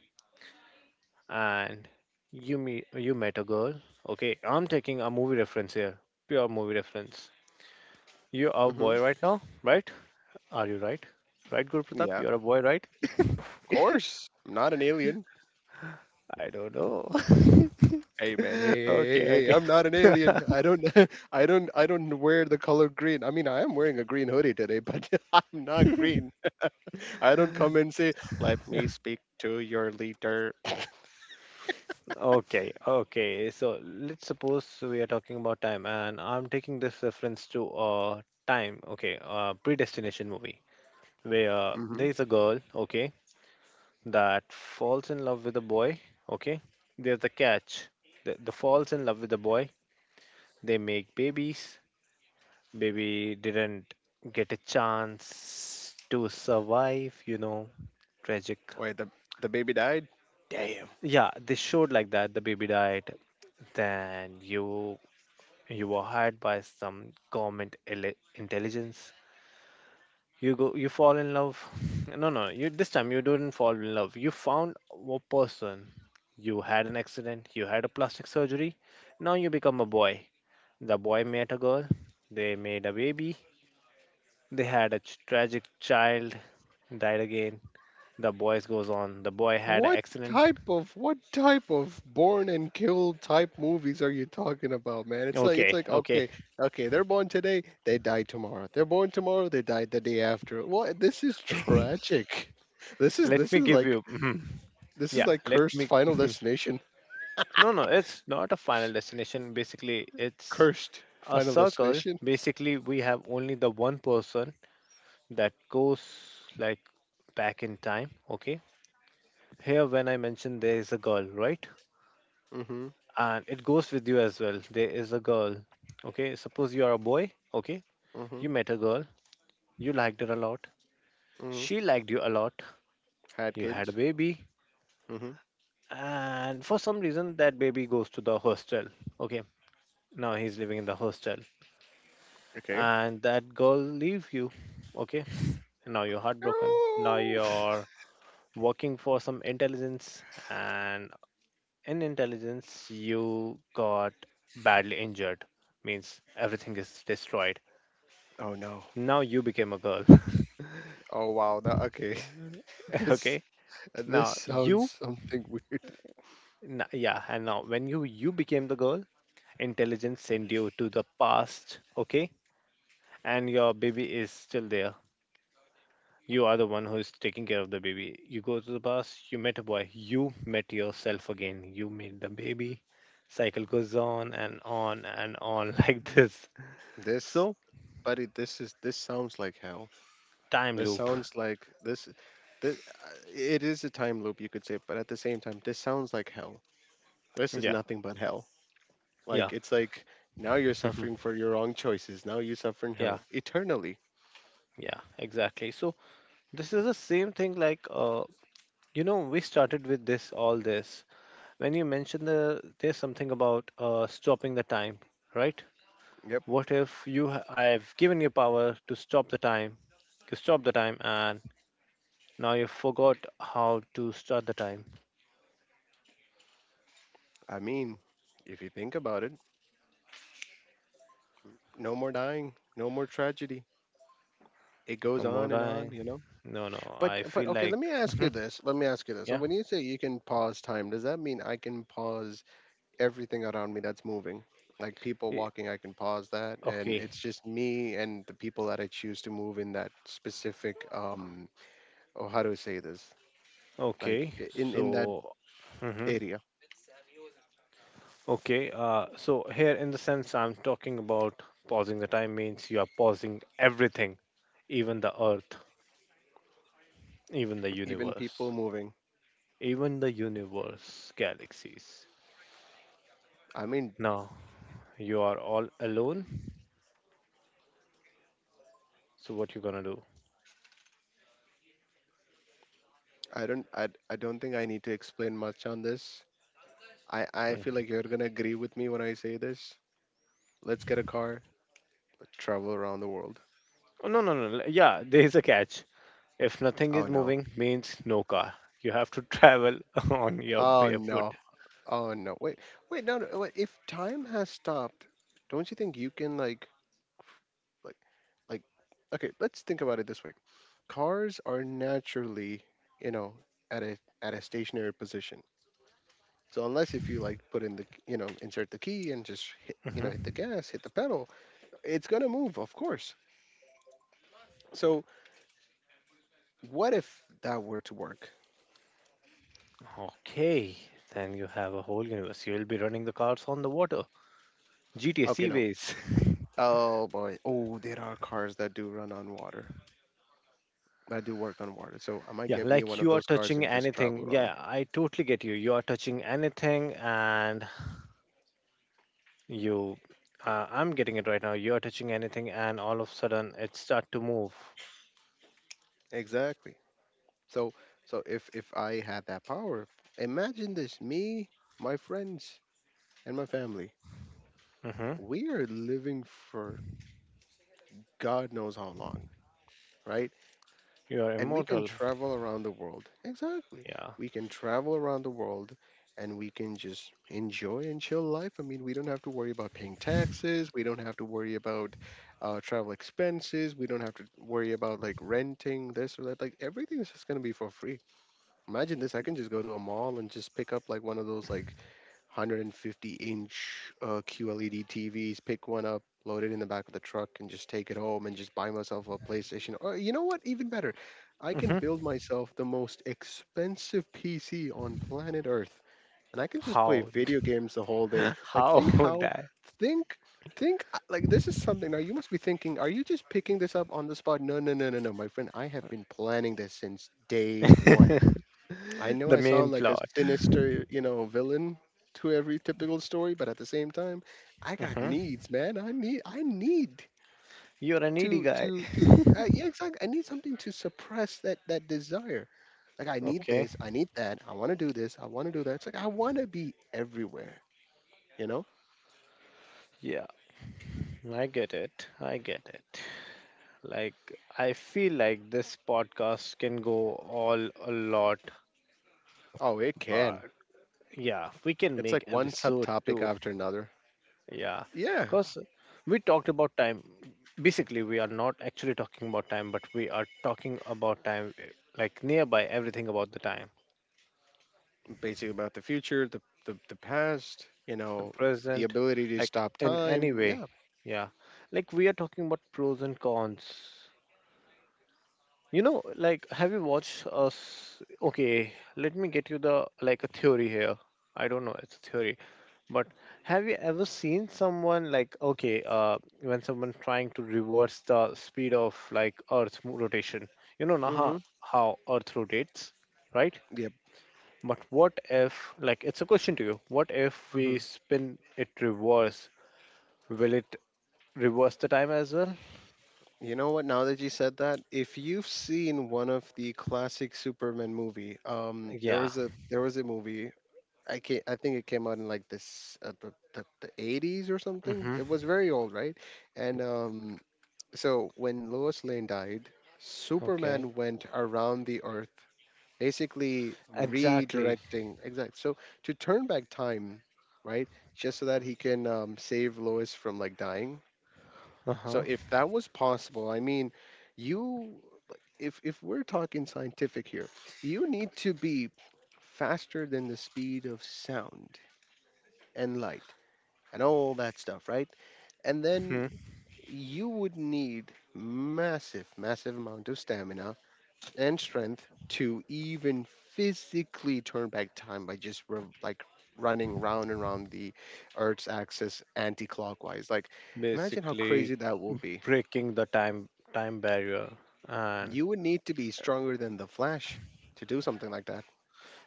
[SPEAKER 1] And you met a girl, okay? I'm taking a movie reference here, pure movie reference. You are a
[SPEAKER 2] Hmm.
[SPEAKER 1] boy right now, right? Are you right? Right, Guru Pratap?
[SPEAKER 2] Yeah, of
[SPEAKER 1] You are a boy, right?
[SPEAKER 2] course. I'm not an alien.
[SPEAKER 1] I don't know.
[SPEAKER 2] Hey man, hey hey hey
[SPEAKER 1] Okay,
[SPEAKER 2] hey! Hey,
[SPEAKER 1] okay.
[SPEAKER 2] I'm not an alien. I don't I don't wear the color green. I mean, I am wearing a green hoodie today, but I'm not green. I don't come and say, "Let me speak to your leader."
[SPEAKER 1] Okay, okay. So let's suppose we are talking about time, and I'm taking this reference to time, okay, predestination movie, where there
[SPEAKER 2] Hmm.
[SPEAKER 1] is a girl, okay, that falls in love with a boy, okay. There's the catch. The falls in love with the boy. They make babies. Baby didn't get a chance to survive, tragic.
[SPEAKER 2] Wait, the baby died. Damn.
[SPEAKER 1] Yeah, they showed like that. The baby died. Then you were hired by some government intelligence. You go, you fall in love no, no, you this time you didn't fall in love, you found a person, you had an accident, you had a plastic surgery, now you become a boy. The boy met a girl, they made a baby, they had a tragic child, died again. The boys goes on, the boy had an
[SPEAKER 2] What
[SPEAKER 1] accident.
[SPEAKER 2] type of born and killed type movies are you talking about, man? It's like
[SPEAKER 1] Okay, okay,
[SPEAKER 2] okay, okay, they're born today, they die tomorrow. They're born tomorrow, they died the day after. What? This is tragic. This is
[SPEAKER 1] let
[SPEAKER 2] this
[SPEAKER 1] me
[SPEAKER 2] is
[SPEAKER 1] give
[SPEAKER 2] like
[SPEAKER 1] you yeah, let
[SPEAKER 2] cursed
[SPEAKER 1] me
[SPEAKER 2] Final Destination.
[SPEAKER 1] no, no, it's not a final destination. Basically, it's
[SPEAKER 2] Cursed
[SPEAKER 1] a
[SPEAKER 2] Final
[SPEAKER 1] circle.
[SPEAKER 2] Destination.
[SPEAKER 1] Basically, we have only the one person that goes, like, back in time, okay. Here, when I mentioned there is a girl, right?
[SPEAKER 2] Mm-hmm.
[SPEAKER 1] And it goes with you as well, there is a girl, okay. Suppose you are a boy, okay.
[SPEAKER 2] Mm-hmm.
[SPEAKER 1] You met a girl, you liked her a lot,
[SPEAKER 2] Mm-hmm.
[SPEAKER 1] she liked you a lot,
[SPEAKER 2] Had
[SPEAKER 1] you had a
[SPEAKER 2] kids.
[SPEAKER 1] baby,
[SPEAKER 2] Mm-hmm.
[SPEAKER 1] and for some reason that baby goes to the hostel, okay. Now he's living in the hostel,
[SPEAKER 2] Okay.
[SPEAKER 1] and that girl leave you, okay. Now you're heartbroken, now
[SPEAKER 2] No.
[SPEAKER 1] you're working for some intelligence, and in intelligence, you got badly injured, means everything is destroyed.
[SPEAKER 2] Oh no.
[SPEAKER 1] Now you became a girl,
[SPEAKER 2] Oh wow. That, okay. This
[SPEAKER 1] okay?
[SPEAKER 2] this
[SPEAKER 1] Now
[SPEAKER 2] sounds
[SPEAKER 1] you,
[SPEAKER 2] something weird.
[SPEAKER 1] yeah, and now when you became the girl, intelligence sent you to the past, okay? And your baby is still there. You are the one who is taking care of the baby. You go to the past, you met a boy, you met yourself again, you met the baby. Cycle goes on and on and on like this.
[SPEAKER 2] This
[SPEAKER 1] So,
[SPEAKER 2] buddy, this sounds like hell,
[SPEAKER 1] time
[SPEAKER 2] this
[SPEAKER 1] loop.
[SPEAKER 2] sounds like this it is a time loop you could say, but at the same time this sounds like hell, this is
[SPEAKER 1] Yeah,
[SPEAKER 2] nothing but hell,
[SPEAKER 1] yeah,
[SPEAKER 2] like it's like now you're
[SPEAKER 1] mhm,
[SPEAKER 2] suffering for your wrong choices, now you suffer in
[SPEAKER 1] yeah,
[SPEAKER 2] hell eternally.
[SPEAKER 1] yeah, exactly. So, this is the same thing, like, we started with this, all this. When you mentioned there's something about stopping the time, right?
[SPEAKER 2] Yep.
[SPEAKER 1] What if I've given you power to stop the time, and now you forgot how to start the time.
[SPEAKER 2] I mean, if you think about it, no more dying, no more tragedy, it
[SPEAKER 1] No
[SPEAKER 2] goes
[SPEAKER 1] more
[SPEAKER 2] on and on,
[SPEAKER 1] dying.
[SPEAKER 2] you know.
[SPEAKER 1] No, no.
[SPEAKER 2] but
[SPEAKER 1] I
[SPEAKER 2] but
[SPEAKER 1] feel
[SPEAKER 2] okay,
[SPEAKER 1] like. Mhm.
[SPEAKER 2] let me ask you this, so
[SPEAKER 1] Yeah.
[SPEAKER 2] when you say you can pause time, does that mean I can pause everything around me that's moving? Like people
[SPEAKER 1] I-
[SPEAKER 2] walking, I can pause that, and
[SPEAKER 1] Okay.
[SPEAKER 2] it's just me and the people that I choose to move in that specific. Oh, how do I say this? Like
[SPEAKER 1] Okay.
[SPEAKER 2] in that
[SPEAKER 1] So. Hmm.
[SPEAKER 2] area,
[SPEAKER 1] Okay. So here, in the sense, I'm talking about pausing the time means you are pausing everything, even the Earth, even the
[SPEAKER 2] even people
[SPEAKER 1] universe,
[SPEAKER 2] moving.
[SPEAKER 1] even the universe, galaxies.
[SPEAKER 2] I mean,
[SPEAKER 1] Now you are all alone. So what you gonna do?
[SPEAKER 2] I don't, I don't think I need to explain much on this. I feel
[SPEAKER 1] Mhm.
[SPEAKER 2] like you're gonna agree with me when I say this. Let's get a car, travel around the world.
[SPEAKER 1] Oh, no, no, no. Yeah, there is a catch. If nothing
[SPEAKER 2] Oh
[SPEAKER 1] is
[SPEAKER 2] no.
[SPEAKER 1] moving, means no car. You have to travel on your
[SPEAKER 2] Oh
[SPEAKER 1] barefoot.
[SPEAKER 2] no. Oh no. Wait, wait, no, no. Wait. If time has stopped, don't you think you can Like, like, okay, let's think about it this way. Cars are naturally, you know, at a at a stationary position. So unless if you like put in the, insert the key and just hit, hit the
[SPEAKER 1] Mhm.
[SPEAKER 2] gas, hit the pedal, it's gonna move, of course. So what if that were to work?
[SPEAKER 1] Okay, then you have a whole universe. You'll be running the cars on the water. GTA
[SPEAKER 2] Okay, no.
[SPEAKER 1] Seaways.
[SPEAKER 2] Oh boy. Oh, there are cars that do run on water. That do work on water. So I might
[SPEAKER 1] Yeah,
[SPEAKER 2] get me one
[SPEAKER 1] like
[SPEAKER 2] of
[SPEAKER 1] you are
[SPEAKER 2] those cars
[SPEAKER 1] touching
[SPEAKER 2] and just travel
[SPEAKER 1] anything.
[SPEAKER 2] around.
[SPEAKER 1] Yeah, I totally get you. You are touching anything and you. I'm getting it right now. You are touching anything, and all of a sudden it start to move.
[SPEAKER 2] Exactly. So so if I had that power, imagine this: me, my friends, and my family.
[SPEAKER 1] Hmm.
[SPEAKER 2] We are living for God knows how long, right?
[SPEAKER 1] You are
[SPEAKER 2] And we can
[SPEAKER 1] immortal.
[SPEAKER 2] travel around the world. Exactly,
[SPEAKER 1] Yeah.
[SPEAKER 2] we can travel around the world, and we can just enjoy and chill life. I mean, we don't have to worry about paying taxes. We don't have to worry about travel expenses. We don't have to worry about like renting this or that. Like everything is just gonna be for free. Imagine this, I can just go to a mall and just pick up like one of those like 150 inch QLED TVs, pick one up, load it in the back of the truck, and just take it home and just buy myself a PlayStation. Or you know what? Even better, I can
[SPEAKER 1] Hmm.
[SPEAKER 2] build myself the most expensive PC on planet Earth, and I can just play
[SPEAKER 1] How?
[SPEAKER 2] video games the whole day. Like,
[SPEAKER 1] How
[SPEAKER 2] think how,
[SPEAKER 1] that?
[SPEAKER 2] think, think, like this is something. Now you must be thinking, are you just picking this up on the spot? No, no, no, no, no, my friend. I have been planning this since day 1.
[SPEAKER 1] The
[SPEAKER 2] I know I
[SPEAKER 1] main
[SPEAKER 2] sound like a
[SPEAKER 1] plot.
[SPEAKER 2] sinister, you know, villain to every typical story, but at the same time, I got
[SPEAKER 1] Mhm.
[SPEAKER 2] needs, man. I need
[SPEAKER 1] You're a needy guy.
[SPEAKER 2] to yeah, exactly. I need something to suppress that desire. Like I need
[SPEAKER 1] Okay.
[SPEAKER 2] this, I need that. I want to do this, I want to do that. It's like I want to be everywhere, you know?
[SPEAKER 1] Yeah, I get it. I get it. Like, I feel like this podcast can go all a lot,
[SPEAKER 2] Oh, it can.
[SPEAKER 1] but yeah, we can
[SPEAKER 2] It's
[SPEAKER 1] make
[SPEAKER 2] like one
[SPEAKER 1] episode
[SPEAKER 2] subtopic
[SPEAKER 1] two.
[SPEAKER 2] after another.
[SPEAKER 1] Yeah,
[SPEAKER 2] Yeah,
[SPEAKER 1] because we talked about time. Basically, we are not actually talking about time, but we are talking about time, like nearby everything about the time.
[SPEAKER 2] basically about the future, the past, you
[SPEAKER 1] The
[SPEAKER 2] know, the
[SPEAKER 1] present,
[SPEAKER 2] ability to
[SPEAKER 1] like,
[SPEAKER 2] stop
[SPEAKER 1] in any
[SPEAKER 2] time.
[SPEAKER 1] way.
[SPEAKER 2] Yeah.
[SPEAKER 1] Yeah, like we are talking about pros and cons, you know, like have you watched us? Okay, let me get you the, like, a theory here. I don't know, it's a theory, but have you ever seen someone, like, okay, when someone trying to reverse the speed of, like, rotation, you know? Now, how,
[SPEAKER 2] Mhm.
[SPEAKER 1] how earth rotates, right? But what if, like, it's a question to you, what if we
[SPEAKER 2] Yep.
[SPEAKER 1] spin it reverse? Will it reverse the time as well?
[SPEAKER 2] You know what? Now that you said that, if you've seen one of the classic Superman movie,
[SPEAKER 1] Yeah.
[SPEAKER 2] there was a movie. I can I think it came out in like this the the eighties or something.
[SPEAKER 1] Hmm.
[SPEAKER 2] It was very old, right? And so when Lois Lane died,
[SPEAKER 1] Okay.
[SPEAKER 2] Superman went around the Earth, basically
[SPEAKER 1] Exactly.
[SPEAKER 2] redirecting exact. So to turn back time, right, just so that he can save Lois from like dying.
[SPEAKER 1] Uh
[SPEAKER 2] So
[SPEAKER 1] huh.
[SPEAKER 2] if that was possible, I mean, you, like, if we're talking scientific here, you need to be faster than the speed of sound and light and all that stuff, right? And then
[SPEAKER 1] Hmm.
[SPEAKER 2] you would need massive, massive amount of stamina and strength to even physically turn back time by just rev like running round and round the Earth's axis anti-clockwise. Like, imagine how
[SPEAKER 1] Basically,
[SPEAKER 2] crazy that will be.
[SPEAKER 1] breaking the time barrier, and
[SPEAKER 2] You would need to be stronger than the Flash to do something like that.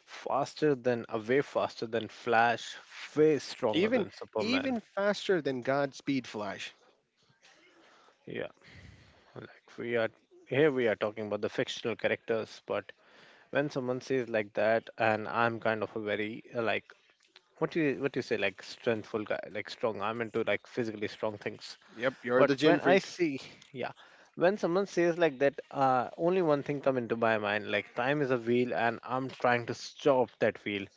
[SPEAKER 1] faster than way faster than Flash, way stronger
[SPEAKER 2] Even
[SPEAKER 1] than Superman.
[SPEAKER 2] even faster than Godspeed Flash.
[SPEAKER 1] Yeah. Like we are here, we are talking about the fictional characters, but when someone says like that, and I'm kind of a very like what do you say, like, strengthful guy, like strong. I'm into, like, physically strong things.
[SPEAKER 2] Yep, you're the
[SPEAKER 1] But
[SPEAKER 2] gym
[SPEAKER 1] when I
[SPEAKER 2] freak.
[SPEAKER 1] see, yeah, when someone says like that, only one thing come into my mind, like time is a wheel and I'm trying to stop that wheel.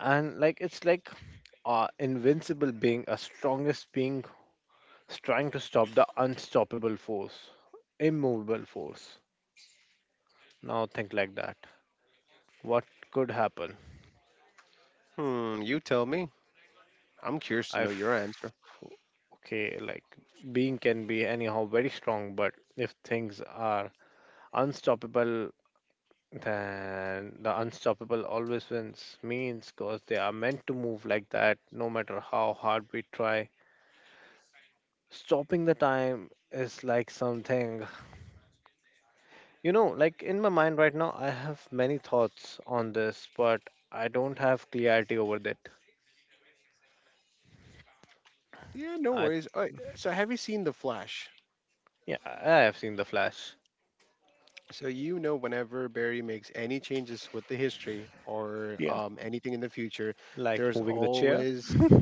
[SPEAKER 1] And like it's like invincible being, a strongest being, is trying to stop the unstoppable force, immovable force. Now think like that. What could happen?
[SPEAKER 2] Hmm, you tell me. I'm curious to know your answer.
[SPEAKER 1] If, okay, like, being can be anyhow very strong, but if things are unstoppable, then the unstoppable always wins, means because they are meant to move like that, no matter how hard we try. Stopping the time is like something, like in my mind right now, I have many thoughts on this, but I don't have clarity over that.
[SPEAKER 2] Yeah, no
[SPEAKER 1] I,
[SPEAKER 2] worries. All right, so have you seen the Flash?
[SPEAKER 1] yeah, I have seen the Flash.
[SPEAKER 2] So you know whenever Barry makes any changes with the history or
[SPEAKER 1] Yeah,
[SPEAKER 2] anything in the future,
[SPEAKER 1] like
[SPEAKER 2] there's
[SPEAKER 1] moving the chair.
[SPEAKER 2] always
[SPEAKER 1] Hmm.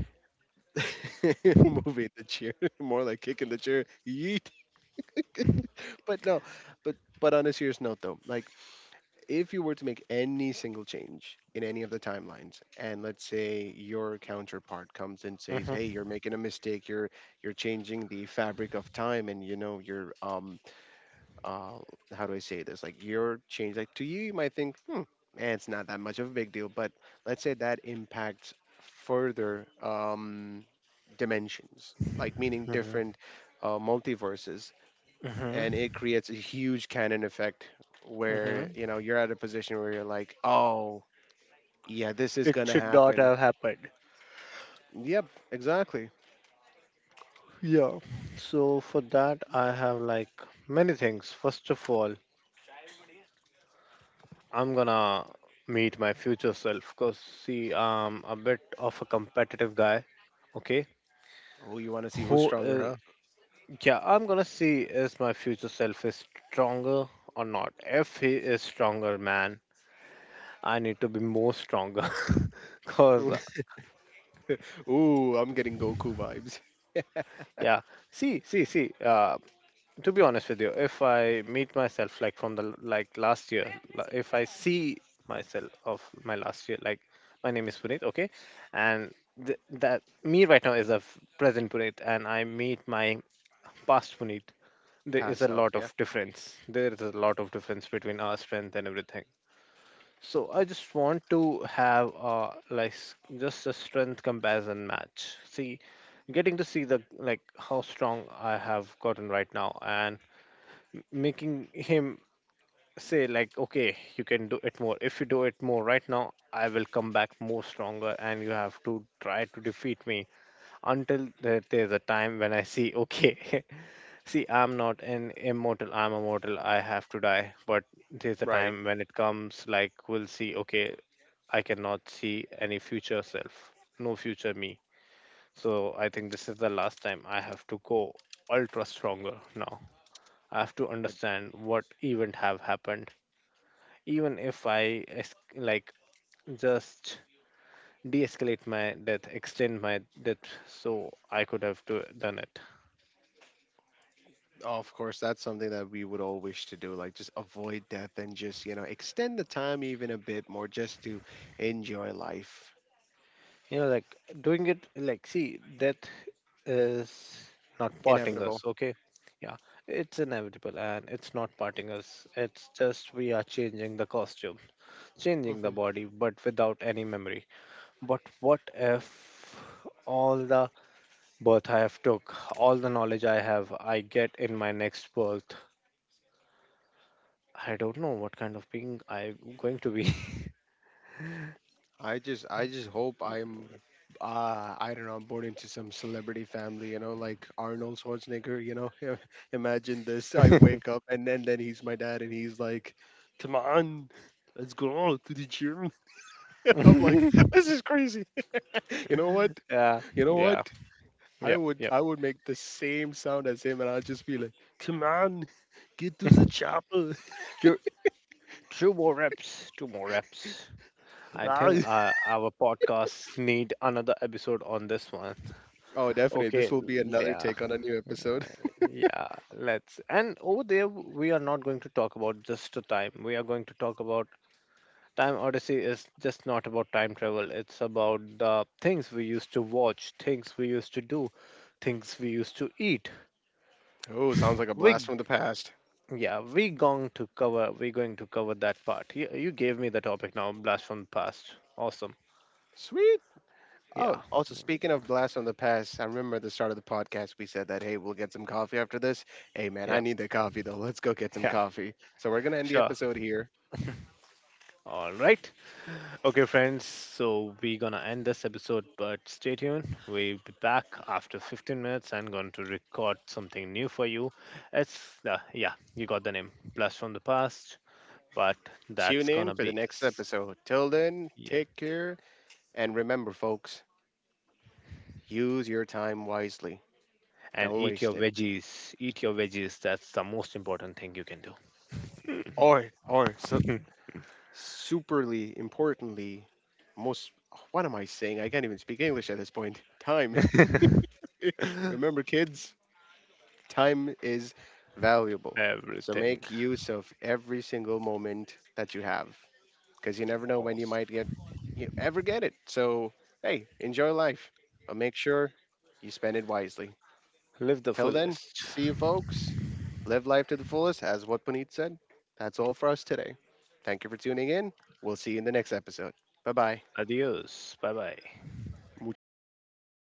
[SPEAKER 2] moving the chair, more like kicking the chair. Yeet. But no, but on a serious note though, like if you were to make any single change in any of the timelines, and let's say your counterpart comes and says, hey, you're making a mistake, you're changing the fabric of time, and you know you're uh how do I say this, like your change, like to you you might think, hmm, it's not that much of a big deal, but let's say that impacts further dimensions, like meaning
[SPEAKER 1] Hmm.
[SPEAKER 2] different multiverses, and
[SPEAKER 1] Hmm.
[SPEAKER 2] it creates a huge cannon effect where
[SPEAKER 1] Hmm.
[SPEAKER 2] you know you're at a position where you're like, oh yeah, this is
[SPEAKER 1] It
[SPEAKER 2] gonna
[SPEAKER 1] should not
[SPEAKER 2] happen.
[SPEAKER 1] have happened.
[SPEAKER 2] Yep, exactly.
[SPEAKER 1] Yeah. So for that, I have, like, many things. First of all, I'm gonna meet my future self, because see, I'm a bit of a competitive guy. Okay.
[SPEAKER 2] Oh, you want to see who's
[SPEAKER 1] Who is,
[SPEAKER 2] stronger.
[SPEAKER 1] yeah, I'm gonna see is my future self is stronger or not. If he is stronger, man, I need to be more stronger. Cause,
[SPEAKER 2] Huh. Ooh, I'm getting Goku vibes.
[SPEAKER 1] yeah, see, see, see. To be honest with you, if I meet myself, like from the like last year, if I see myself of my last year, like, my name is Puneet, okay, and that me right now is a present Puneet, and I meet my past Puneet, there is
[SPEAKER 2] Past
[SPEAKER 1] a
[SPEAKER 2] self,
[SPEAKER 1] lot
[SPEAKER 2] yeah.
[SPEAKER 1] of difference, between our strength and everything. So I just want to have a like just a strength comparison match, see, getting to see the, like, how strong I have gotten right now, and making him say like, okay, you can do it more, if you do it more right now, I will come back more stronger, and you have to try to defeat me, until there's a time when I see, okay. See, I'm not an immortal, I'm a mortal, I have to die, but there's a
[SPEAKER 2] Right.
[SPEAKER 1] time when it comes like, we'll see, okay, I cannot see any future self, no future me. So I think this is the last time, I have to go ultra stronger now, I have to
[SPEAKER 2] But,
[SPEAKER 1] understand what event have happened. Even if I like just de-escalate my death, extend my death, so I could have done it.
[SPEAKER 2] oh, of course that's something that we would all wish to do, like just avoid death and just you know extend the time even a bit more just to enjoy life.
[SPEAKER 1] You know, like doing it, like see, death is not parting us.
[SPEAKER 2] Inevitable.
[SPEAKER 1] Okay, yeah, it's inevitable and it's not parting us. It's just we are changing the costume, changing the
[SPEAKER 2] Mm-hmm.
[SPEAKER 1] body, but without any memory. But what if all the birth I have took, all the knowledge I have, I get in my next birth? I don't know what kind of being I'm going to be.
[SPEAKER 2] I just hope I'm I don't know, I'm born into some celebrity family, you know, like Arnold Schwarzenegger, you know. Imagine this. I wake up and then he's my dad and he's like, "Come on, let's go to the gym." I'm like, "This is crazy." You know what?
[SPEAKER 1] yeah,
[SPEAKER 2] You know what?
[SPEAKER 1] yeah,
[SPEAKER 2] I
[SPEAKER 1] yeah,
[SPEAKER 2] would
[SPEAKER 1] yeah.
[SPEAKER 2] I would make the same sound as him and I'd just be like, "Come on, get to the chapel."
[SPEAKER 1] Two, two more reps, two more reps. I think, our podcasts need another episode on this one.
[SPEAKER 2] Oh, definitely. This
[SPEAKER 1] Okay,
[SPEAKER 2] will be another
[SPEAKER 1] yeah,
[SPEAKER 2] take on a new episode.
[SPEAKER 1] yeah, let's. And over there, we are not going to talk about just the time. We are going to talk about Time Odyssey is just not about time travel. It's about the things we used to watch, things we used to do, things we used to eat.
[SPEAKER 2] Oh, sounds like a blast
[SPEAKER 1] We,
[SPEAKER 2] from the past.
[SPEAKER 1] yeah, we're going to cover that part. You gave me the topic now, blast from the past, awesome.
[SPEAKER 2] Sweet.
[SPEAKER 1] Yeah,
[SPEAKER 2] Oh, also speaking of blasts from the past, I remember at the start of the podcast we said that, hey, we'll get some coffee after this. Hey man,
[SPEAKER 1] yeah,
[SPEAKER 2] I need the coffee though. Let's go get some
[SPEAKER 1] yeah,
[SPEAKER 2] coffee. So we're gonna end the
[SPEAKER 1] sure,
[SPEAKER 2] episode here.
[SPEAKER 1] all right. Okay friends, so we're gonna end this episode but stay tuned, we'll be back after 15 minutes and going to record something new for you. It's the, yeah, you got the name, blast from the past. But
[SPEAKER 2] Tune
[SPEAKER 1] that's
[SPEAKER 2] in
[SPEAKER 1] gonna
[SPEAKER 2] for the
[SPEAKER 1] be
[SPEAKER 2] next episode. Till then,
[SPEAKER 1] yeah,
[SPEAKER 2] take care and remember, folks, use your time wisely.
[SPEAKER 1] and
[SPEAKER 2] Don't
[SPEAKER 1] eat
[SPEAKER 2] waste
[SPEAKER 1] your
[SPEAKER 2] it.
[SPEAKER 1] veggies, eat your veggies, that's the most important thing you can do.
[SPEAKER 2] Or so, superly importantly, most. What am I saying? I can't even speak English at this point. Time. Remember, kids. Time is valuable. So
[SPEAKER 1] Everything
[SPEAKER 2] make use of every single moment that you have because you never know when you might
[SPEAKER 1] awesome.
[SPEAKER 2] get you ever get it. So, hey, enjoy life, but make sure you spend it wisely.
[SPEAKER 1] Live the
[SPEAKER 2] Till then,
[SPEAKER 1] fullest.
[SPEAKER 2] see you folks. Live life to the fullest, as what Puneet said. That's all for us today. Thank you for tuning in. We'll see you in the next episode. Bye bye,
[SPEAKER 1] Adios. Bye bye.
[SPEAKER 2] muchachos.